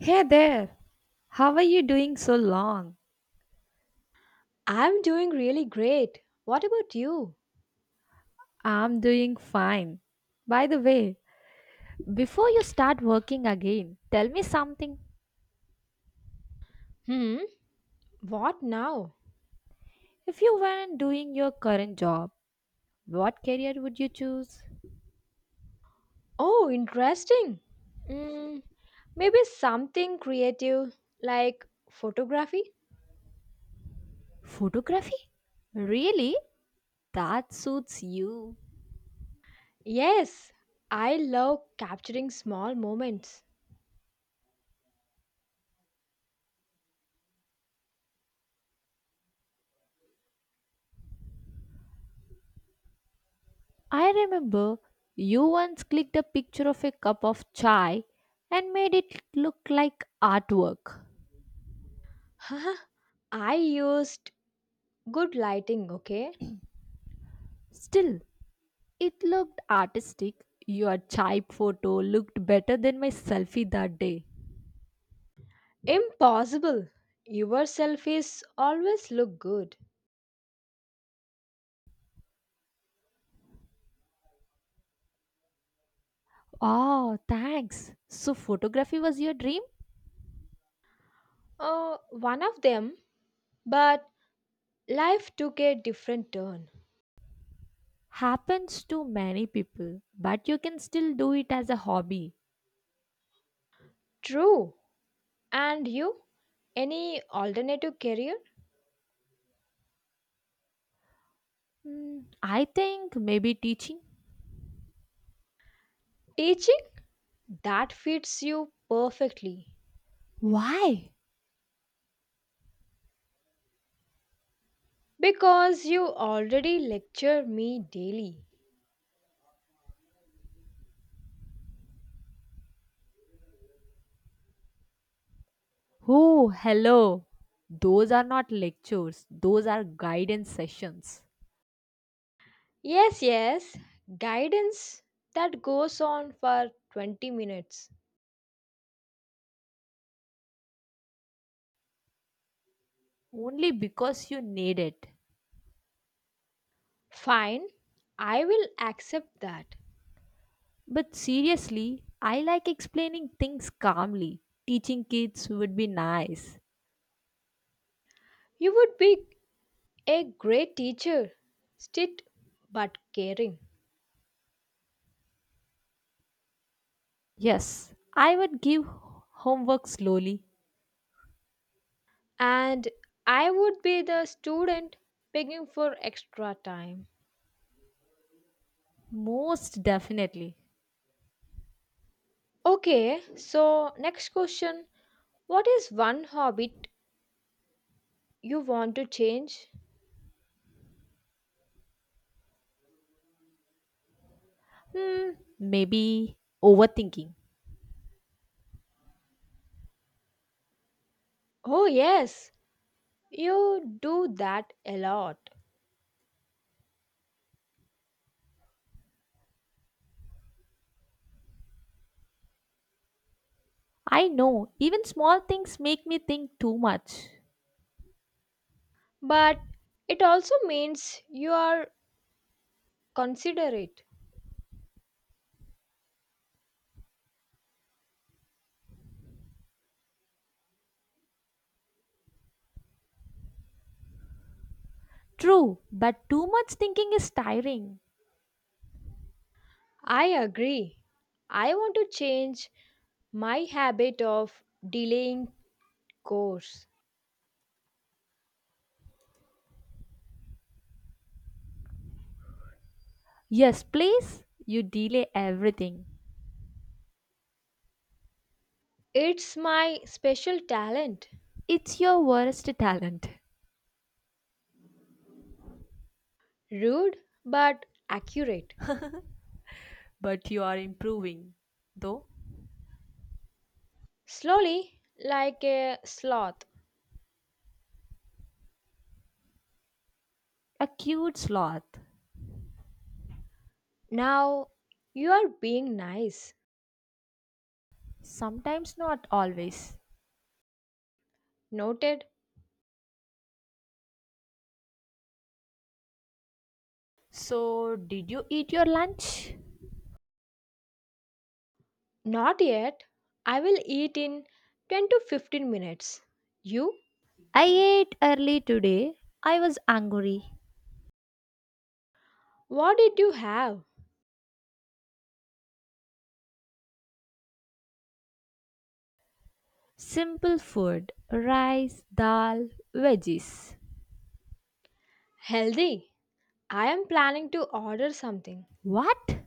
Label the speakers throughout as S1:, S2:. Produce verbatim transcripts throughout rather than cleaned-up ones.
S1: Hey there, how are you doing so long?
S2: I'm doing really great. What about you?
S1: I'm doing fine. By the way, before you start working again, tell me something.
S2: Hmm, what now?
S1: If you weren't doing your current job, what career would you choose?
S2: Oh, interesting. Mm, maybe something creative like photography?
S1: Photography? Really? That suits you.
S2: Yes, I love capturing small moments.
S1: I remember you once clicked a picture of a cup of chai and made it look like artwork.
S2: Huh? I used good lighting, okay?
S1: Still, it looked artistic. Your type photo looked better than my selfie that day.
S2: Impossible. Your selfies always look good.
S1: Oh, thanks. So, photography was your dream?
S2: Uh, one of them, but life took a different turn.
S1: Happens to many people, but you can still do it as a hobby.
S2: True. And you? Any alternative career?
S1: Hmm, I think maybe teaching.
S2: Teaching? That fits you perfectly
S1: Why?
S2: because you already lecture me daily.
S1: Oh, hello. Those are not lectures, those are guidance sessions.
S2: Yes, yes, guidance that goes on for twenty minutes.
S1: Only because you need it.
S2: Fine, I will accept that.
S1: But seriously, I like explaining things calmly. Teaching kids would be nice.
S2: You would be a great teacher, strict but caring.
S1: Yes, I would give homework slowly.
S2: And I would be the student begging for extra time.
S1: Most definitely.
S2: Okay, so next question. What is one habit you want to change?
S1: Hmm, Maybe overthinking.
S2: Oh, yes, you do that a lot.
S1: I know, even small things make me think too much.
S2: But it also means you are considerate.
S1: True, but too much thinking is tiring.
S2: I agree. I want to change my habit of delaying course.
S1: Yes, please, you delay everything.
S2: It's my special talent.
S1: It's your worst talent,
S2: Rude but accurate.
S1: but you are improving, though.
S2: Slowly, like a sloth.
S1: A cute sloth.
S2: Now you are being nice.
S1: Sometimes not always.
S2: Noted.
S1: So, did you eat your lunch?
S2: Not yet. I will eat in ten to fifteen minutes. You?
S1: I ate early today. I was hungry.
S2: What did you have?
S1: Simple food rice, dal, veggies.
S2: Healthy. I am planning to order something.
S1: What?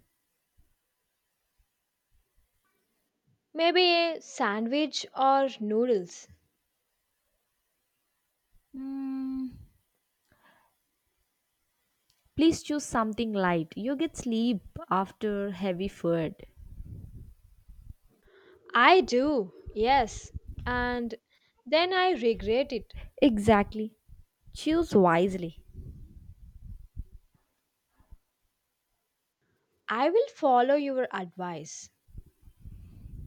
S2: Maybe a sandwich or noodles.
S1: Mm, Please choose something light. You get sleep after heavy food.
S2: I do. Yes. And then I regret it.
S1: Exactly. Choose wisely.
S2: I will follow your advice.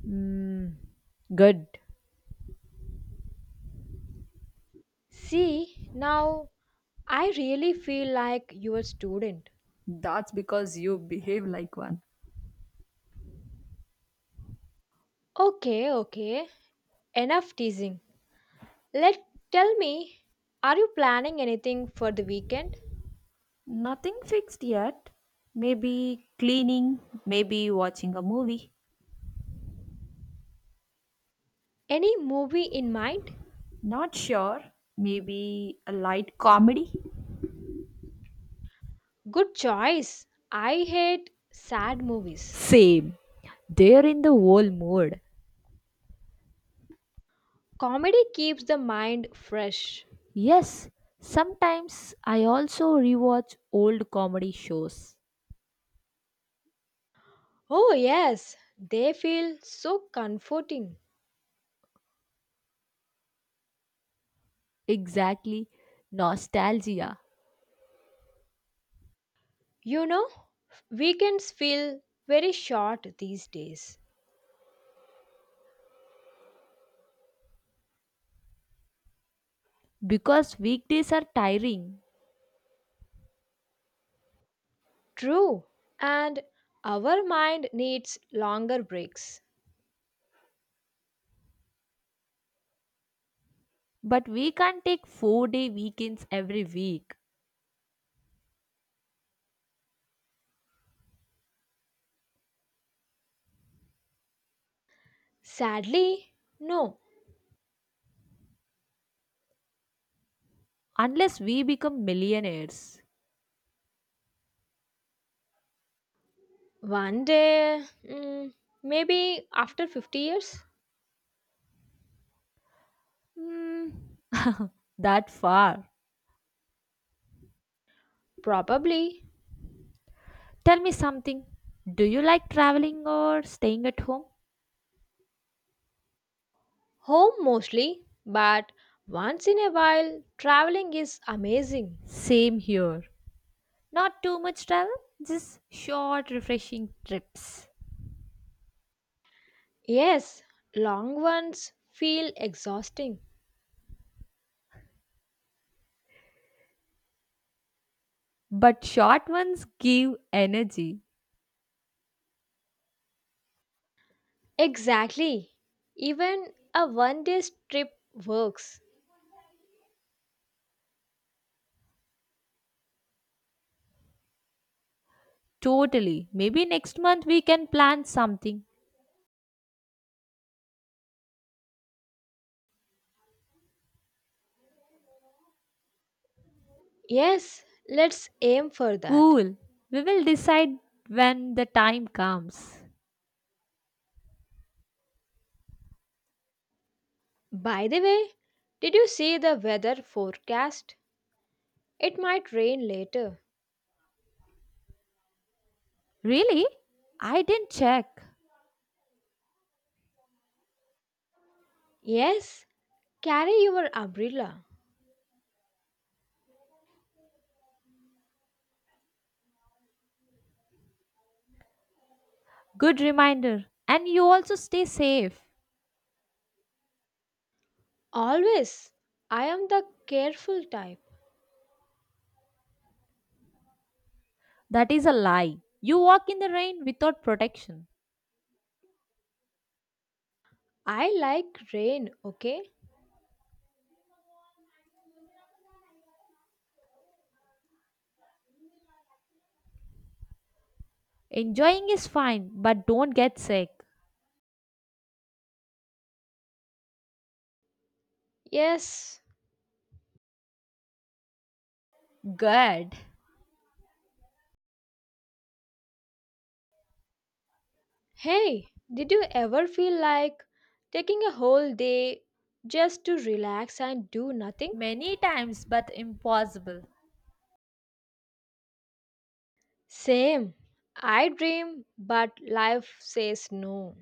S1: Mm, Good.
S2: See, now I really feel like your student.
S1: That's because you behave like one.
S2: Okay, okay. Enough teasing. Let tell me, are you planning anything for the weekend?
S1: Nothing fixed yet. Maybe cleaning, maybe watching a movie.
S2: Any movie in mind?
S1: Not sure. Maybe a light comedy?
S2: Good choice. I hate sad movies.
S1: Same. They're in the whole mood.
S2: Comedy keeps the mind fresh.
S1: Yes, sometimes I also rewatch old comedy shows.
S2: Oh, yes, they feel so comforting.
S1: Exactly, nostalgia.
S2: You know, weekends feel very short these days.
S1: Because weekdays are tiring,
S2: True, and our mind needs longer breaks.
S1: but we can't take four day weekends every week
S2: Sadly, no.
S1: unless we become millionaires.
S2: One day, mm, maybe after fifty years.
S1: Hmm, that far.
S2: Probably
S1: Tell me something. Do you like traveling or staying at home?
S2: home mostly, but once in a while traveling is amazing.
S1: Same here. Not too much travel, just short, refreshing trips.
S2: Yes, long ones feel exhausting.
S1: But short ones give energy.
S2: Exactly. Even a one day trip works.
S1: Totally. Maybe next month we can plan something.
S2: Yes, let's aim for that.
S1: Cool. We will decide when the time comes.
S2: By the way, did you see the weather forecast? It might rain later.
S1: Really? I didn't check.
S2: Yes, carry your umbrella.
S1: Good reminder. And you also stay safe.
S2: Always. I am the careful type.
S1: That is a lie. You walk in the rain without protection.
S2: I like rain, okay?
S1: Enjoying is fine, but don't get sick.
S2: Yes.
S1: Good.
S2: Hey, did you ever feel like taking a whole day just to relax and do nothing?
S1: Many times, but impossible.
S2: Same. I dream, but life says no.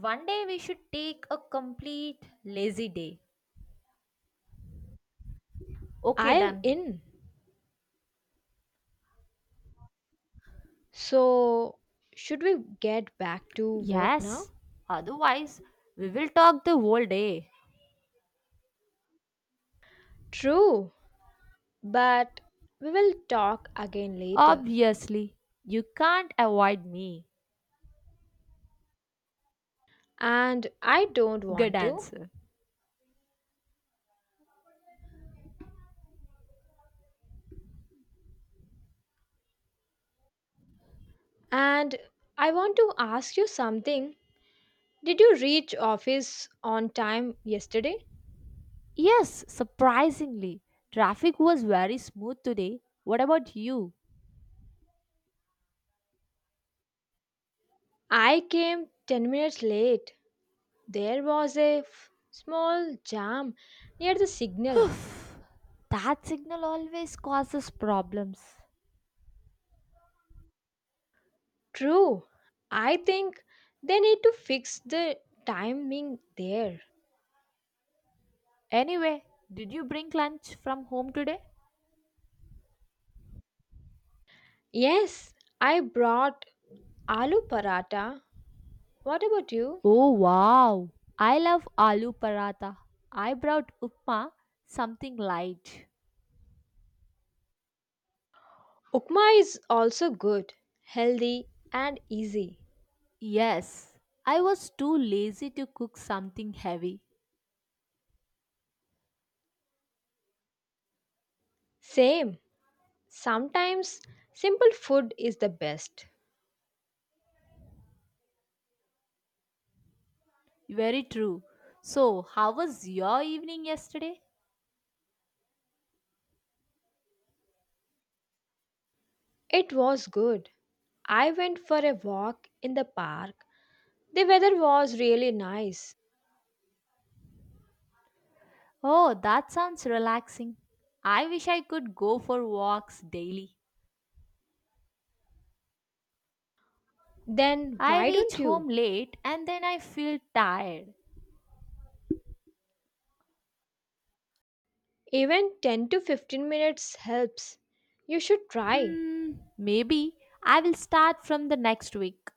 S1: One day we should take a complete lazy day. Okay,
S2: I am
S1: done.
S2: in. So, should we get back to work now?
S1: Yes, otherwise we will talk the whole day.
S2: True, but we will talk again later.
S1: Obviously, you can't avoid me.
S2: And I don't
S1: Good
S2: want to.
S1: answer.
S2: And I want to ask you something. Did you reach office on time yesterday?
S1: Yes, surprisingly, traffic was very smooth today. What about you?
S2: I came ten minutes late. There was a f- small jam near the signal.
S1: Oof, that signal always causes problems.
S2: True. I think they need to fix the timing there.
S1: Anyway, did you bring lunch from home today?
S2: Yes, I brought aloo paratha. What about you?
S1: Oh wow! I love aloo paratha. I brought upma, something light.
S2: Ukma is also good, healthy, and easy.
S1: Yes, I was too lazy to cook something heavy.
S2: Same. Sometimes simple food is the best.
S1: Very true. So, how was your evening yesterday?
S2: It was good. I went for a walk in the park. The weather was really nice.
S1: Oh, that sounds relaxing. I wish I could go for walks daily.
S2: Then
S1: I
S2: why
S1: reach
S2: don't
S1: home
S2: you?
S1: late and then I feel tired.
S2: Even ten to fifteen minutes helps. You should try.
S1: Hmm, Maybe I will start from the next week.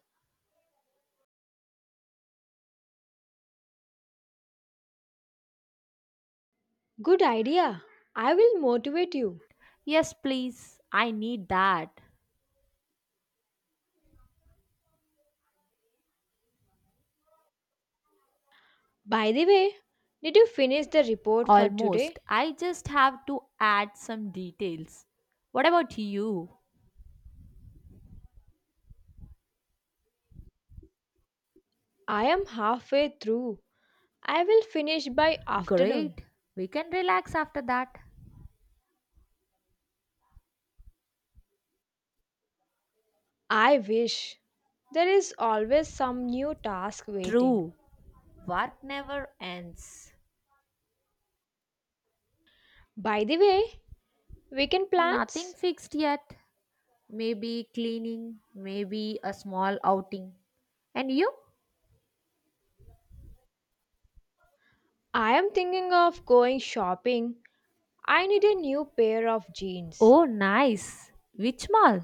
S2: Good idea. I will motivate you.
S1: Yes, please. I need that.
S2: By the way, did you finish the report for
S1: Almost.
S2: today?
S1: I just have to add some details. What about you?
S2: I am halfway through. I will finish by afternoon.
S1: Great. We can relax after that.
S2: I wish. There is always some new task waiting.
S1: True. Work never ends.
S2: By the way, weekend
S1: Nothing
S2: plans?
S1: fixed yet. Maybe cleaning, maybe a small outing. And you?
S2: I am thinking of going shopping. I need a new pair of jeans.
S1: Oh, nice. Which mall?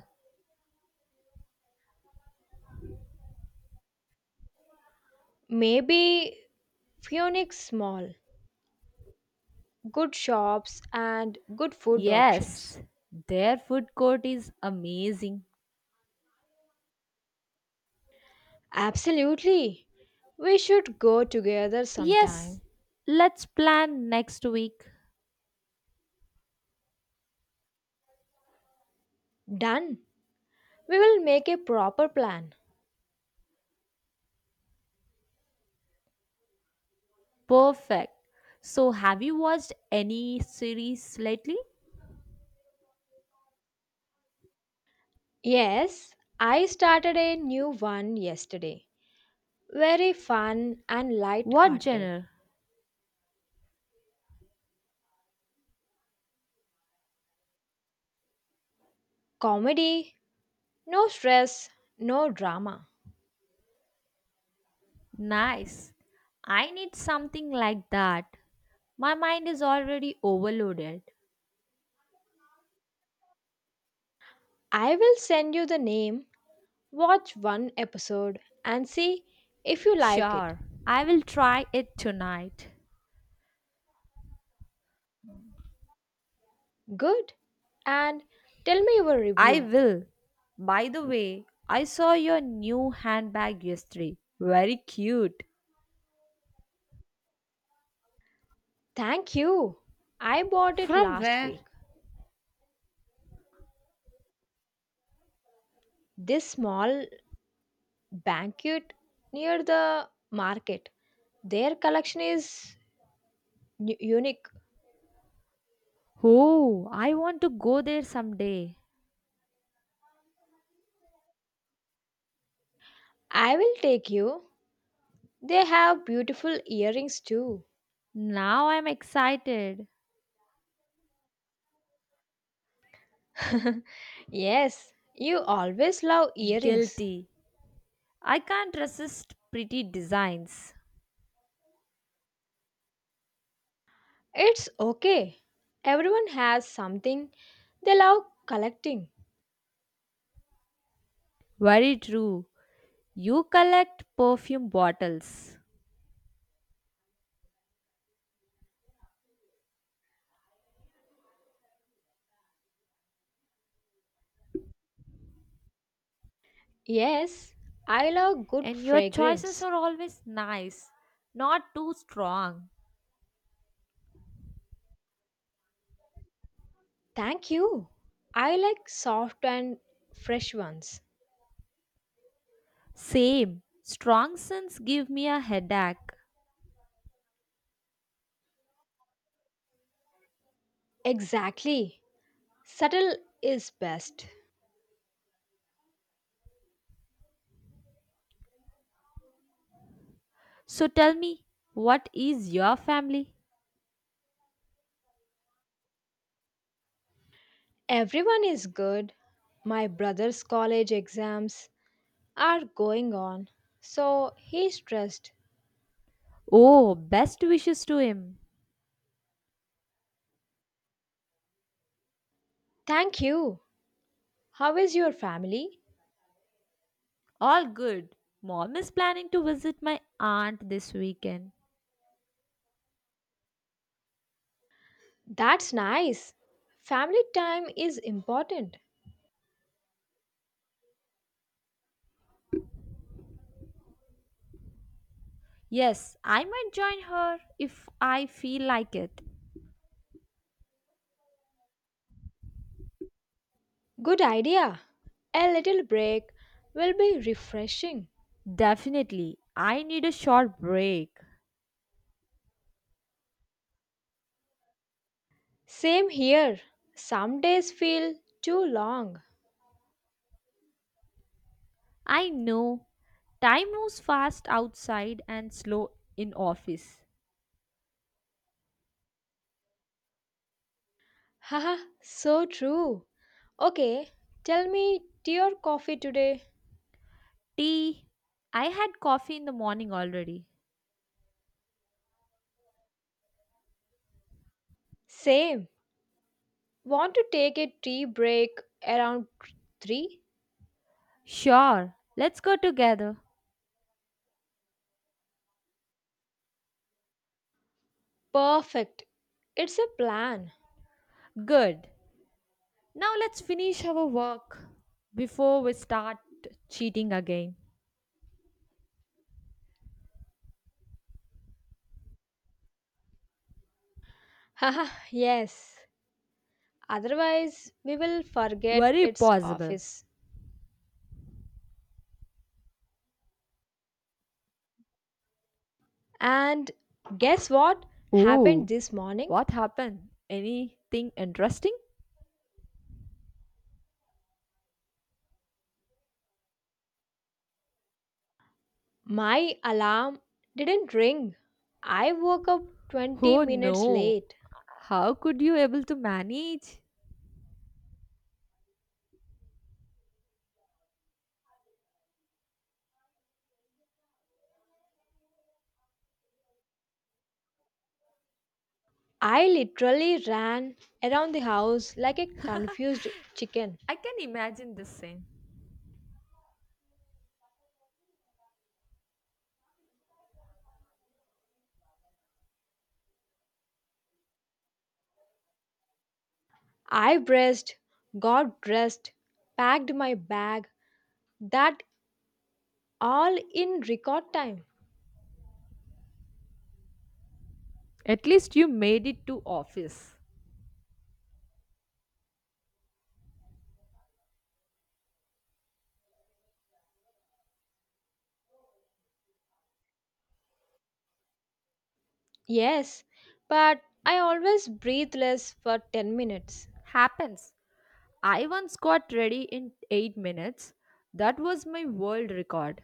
S2: Maybe Phoenix small, good shops and good food options.
S1: Yes, their food court is amazing.
S2: Absolutely. We should go together
S1: Yes,
S2: sometime.
S1: let's plan next week.
S2: Done. We will make a proper plan.
S1: Perfect. So, have you watched any series lately?
S2: Yes, I started a new one yesterday. Very fun and
S1: What
S2: light-hearted.
S1: genre?
S2: Comedy, no stress, no drama.
S1: Nice. I need something like that. My mind is already overloaded.
S2: I will send you the name, watch one episode and see if you like it.
S1: Sure, I will try it tonight.
S2: Good. And tell me your
S1: I
S2: review.
S1: will. By the way, I saw your new handbag yesterday. Very cute.
S2: Thank you. I bought it
S1: From
S2: last
S1: where?
S2: week. This small banquet near the market. Their collection is u- unique.
S1: Oh, I want to go there someday.
S2: I will take you. They have beautiful earrings too.
S1: Now I'm excited.
S2: Yes, you always love earrings.
S1: Guilty. I can't resist pretty designs.
S2: It's okay. Everyone has something they love collecting.
S1: Very true. You collect perfume bottles,
S2: Yes, I love good
S1: and your choices
S2: fragrance.
S1: are always nice, not too strong.
S2: Thank you. I like soft and fresh ones.
S1: Same. Strong scents give me a headache.
S2: Exactly. Subtle is best.
S1: So tell me, what is your family?
S2: Everyone is good. My brother's college exams are going on, so he's stressed.
S1: Oh, best wishes to him.
S2: Thank you. How is your family?
S1: All good. Mom is planning to visit my aunt this weekend.
S2: That's nice. Family time is important.
S1: Yes, I might join her if I feel like it.
S2: Good idea. A little break will be refreshing.
S1: Definitely. I need a short break.
S2: Same here. Some days feel too long.
S1: I know. Time moves fast outside and slow in office.
S2: Haha, so true. Okay, tell me, dear coffee today.
S1: Tea. I had coffee in the morning already.
S2: Same. Want to take a tea break around three?
S1: Sure. Let's go together.
S2: Perfect. It's a plan.
S1: Good. Now let's finish our work before we start cheating again.
S2: Haha, yes. Otherwise, we will forget
S1: Very
S2: its
S1: possible.
S2: office. And guess what happened
S1: Oh,
S2: this morning?
S1: what happened? Anything interesting?
S2: My alarm didn't ring. I woke up twenty
S1: Oh
S2: minutes
S1: no.
S2: late.
S1: How could you able to manage?
S2: I literally ran around the house like a confused chicken.
S1: I can imagine the same.
S2: I braced, got dressed, packed my bag, that all in record time.
S1: At least you made it to office.
S2: Yes, but I always breathe less for ten minutes.
S1: Happens. I once got ready in eight minutes. That was my world record.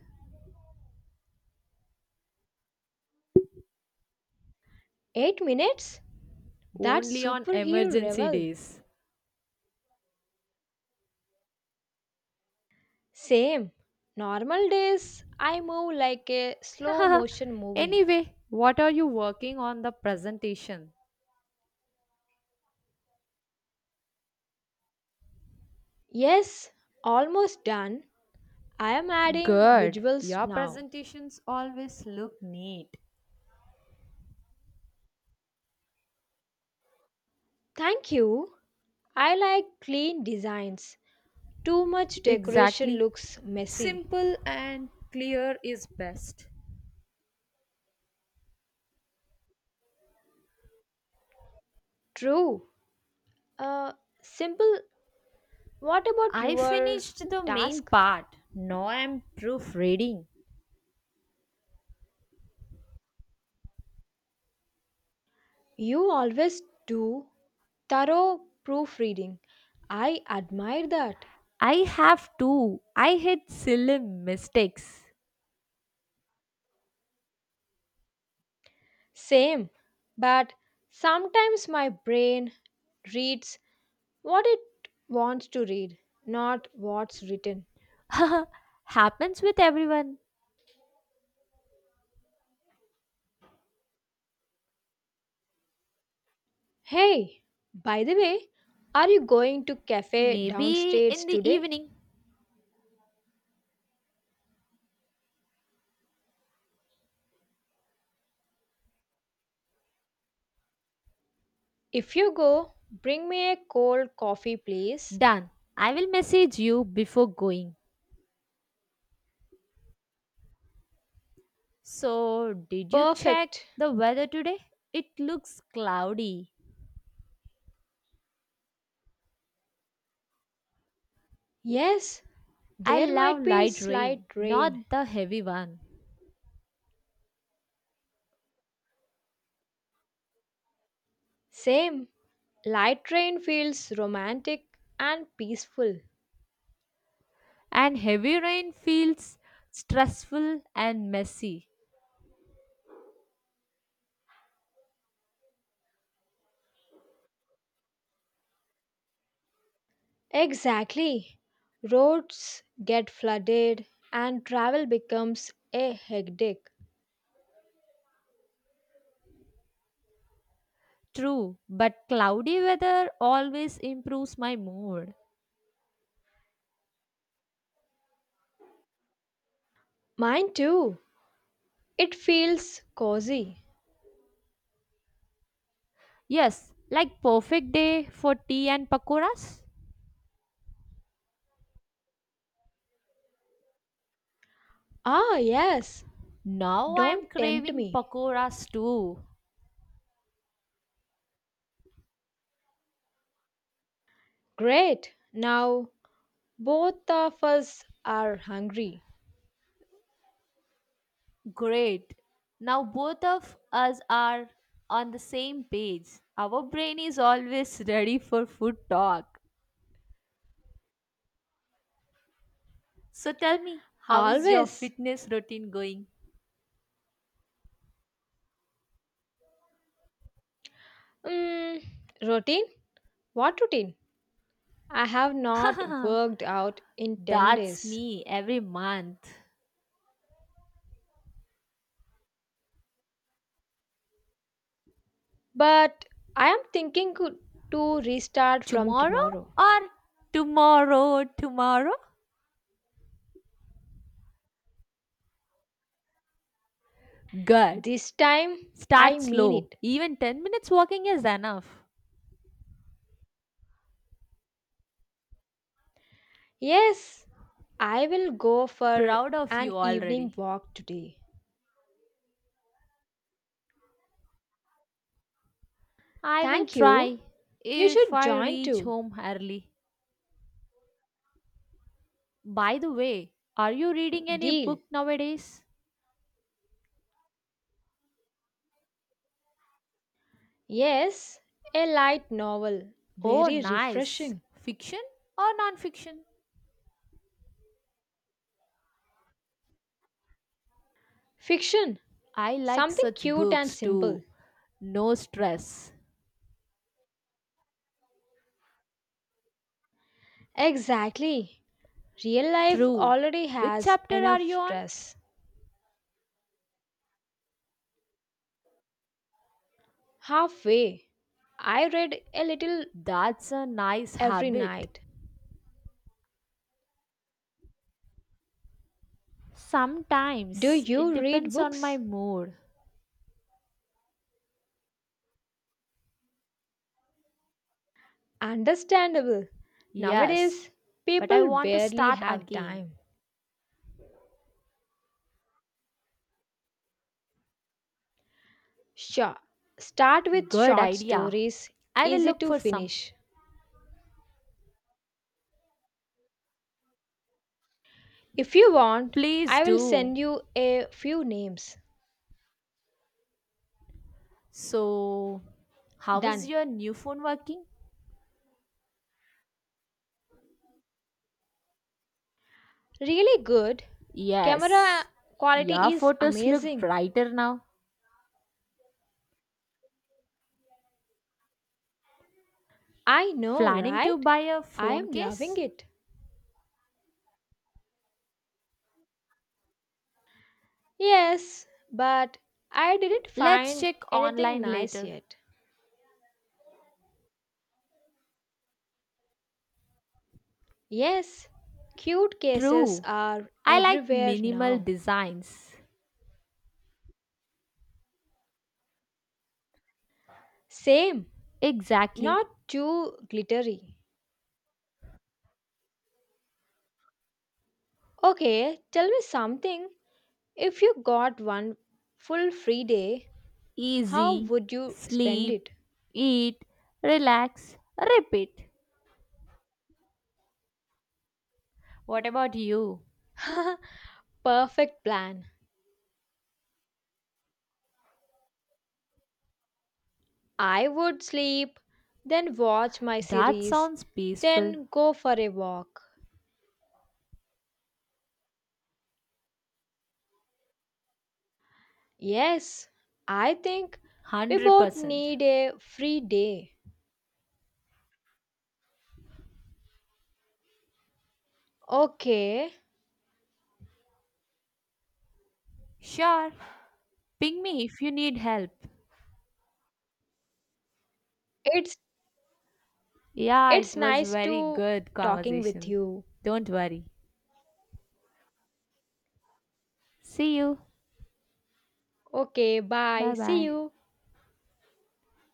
S2: eight minutes? That's
S1: Only on
S2: superhero
S1: emergency
S2: level.
S1: days.
S2: Same. Normal days, I move like a slow motion movie.
S1: anyway, what are you working on the presentation?
S2: Yes, almost done. I am adding
S1: Good.
S2: visuals
S1: Your
S2: now.
S1: presentations always look neat.
S2: Thank you. I like clean designs. Too much decoration
S1: Exactly.
S2: looks messy.
S1: Simple and clear is best.
S2: True. Uh, Simple. What about
S1: I
S2: your
S1: finished the main
S2: task?
S1: part. Now I'm proofreading.
S2: You always do thorough proofreading. I admire that.
S1: I have too. I hit silly mistakes.
S2: Same. But sometimes my brain reads what it wants to read, not what's written.
S1: Happens with everyone.
S2: Hey, by the way, are you going to cafe
S1: Maybe
S2: downstairs
S1: in the
S2: today?
S1: evening.
S2: If you go, bring me a cold coffee, please.
S1: Done. I will message you before going. So, did you check
S2: Perfect.
S1: the weather today? It looks cloudy.
S2: Yes,
S1: I
S2: there
S1: love
S2: might be
S1: light
S2: slight
S1: rain,
S2: rain.
S1: not the heavy one.
S2: Same. Light rain feels romantic and peaceful.
S1: And heavy rain feels stressful and messy.
S2: Exactly. Roads get flooded and travel becomes a hectic.
S1: True, but cloudy weather always improves my mood.
S2: Mine too. It feels cozy.
S1: Yes, like perfect day for tea and pakoras.
S2: Ah, yes.
S1: Now I am
S2: Don't tempt
S1: craving
S2: me.
S1: pakoras too.
S2: Great. Now both of us are hungry.
S1: Great. Now both of us are on the same page. Our brain is always ready for food talk. So tell me, how is your
S2: Always.
S1: fitness routine going?
S2: Mm, routine? What routine? I have not worked out in ten
S1: That's
S2: days.
S1: me every month.
S2: But I am thinking co- to restart from
S1: Tomorrow
S2: tomorrow.
S1: or tomorrow, tomorrow? Good.
S2: This time, I
S1: Start
S2: mean
S1: slow.
S2: it.
S1: Even ten minutes walking is enough.
S2: Yes, I will go for
S1: Proud of
S2: an
S1: you
S2: evening
S1: already.
S2: walk today.
S1: I will
S2: Thank you.
S1: try
S2: You
S1: if
S2: should
S1: I
S2: join
S1: reach
S2: too.
S1: home early. By the way, are you reading any
S2: Deal.
S1: book nowadays?
S2: Yes, a light novel.
S1: Oh,
S2: Very
S1: nice.
S2: refreshing.
S1: Fiction or non fiction?
S2: Fiction.
S1: I like
S2: Something
S1: such
S2: cute and
S1: books
S2: simple.
S1: too. No stress.
S2: Exactly. Real life
S1: True.
S2: already
S1: Which
S2: has
S1: chapter are
S2: enough
S1: you on?
S2: stress. Halfway, I read a little
S1: That's a nice
S2: every
S1: habit.
S2: night. Do
S1: Sometimes it
S2: you read
S1: depends on my
S2: books?
S1: mood.
S2: Understandable.
S1: Yes,
S2: Nowadays,
S1: but I
S2: people
S1: want to
S2: barely
S1: start
S2: have
S1: again.
S2: time. Sure, start with
S1: Good
S2: short
S1: idea.
S2: stories,
S1: I will
S2: easy
S1: look
S2: to
S1: for some.
S2: finish. If you want,
S1: Please
S2: I will
S1: do.
S2: send you a few names.
S1: So, how is
S2: Done.
S1: your new phone working?
S2: Really good.
S1: Yes,
S2: Camera
S1: your
S2: quality is
S1: photos look
S2: amazing.
S1: brighter now.
S2: I know,
S1: Planning to
S2: right?
S1: buy a
S2: I
S1: phone
S2: am loving
S1: case?
S2: it. Yes, but I didn't
S1: Let's
S2: find
S1: check
S2: anything
S1: online
S2: nice
S1: later.
S2: yet. Yes, cute cases
S1: True.
S2: are
S1: I like
S2: everywhere
S1: minimal
S2: now.
S1: designs.
S2: Same,
S1: Exactly.
S2: not too glittery. Okay, tell me something. If you got one full free day, how
S1: Easy,
S2: would you spend
S1: sleep,
S2: it?
S1: eat, relax, repeat. What about you?
S2: Perfect plan. I would sleep, then watch my
S1: That
S2: series,
S1: sounds peaceful.
S2: then go for a walk. Yes, I think we both
S1: one hundred percent.
S2: need a free day. Okay,
S1: Sure, ping me if you need help.
S2: it's
S1: Yeah, it
S2: it's
S1: was
S2: nice
S1: very
S2: to
S1: good
S2: talking with
S1: conversation.
S2: you.
S1: Don't worry. See you.
S2: Okay, bye.
S1: Bye
S2: See
S1: bye.
S2: you.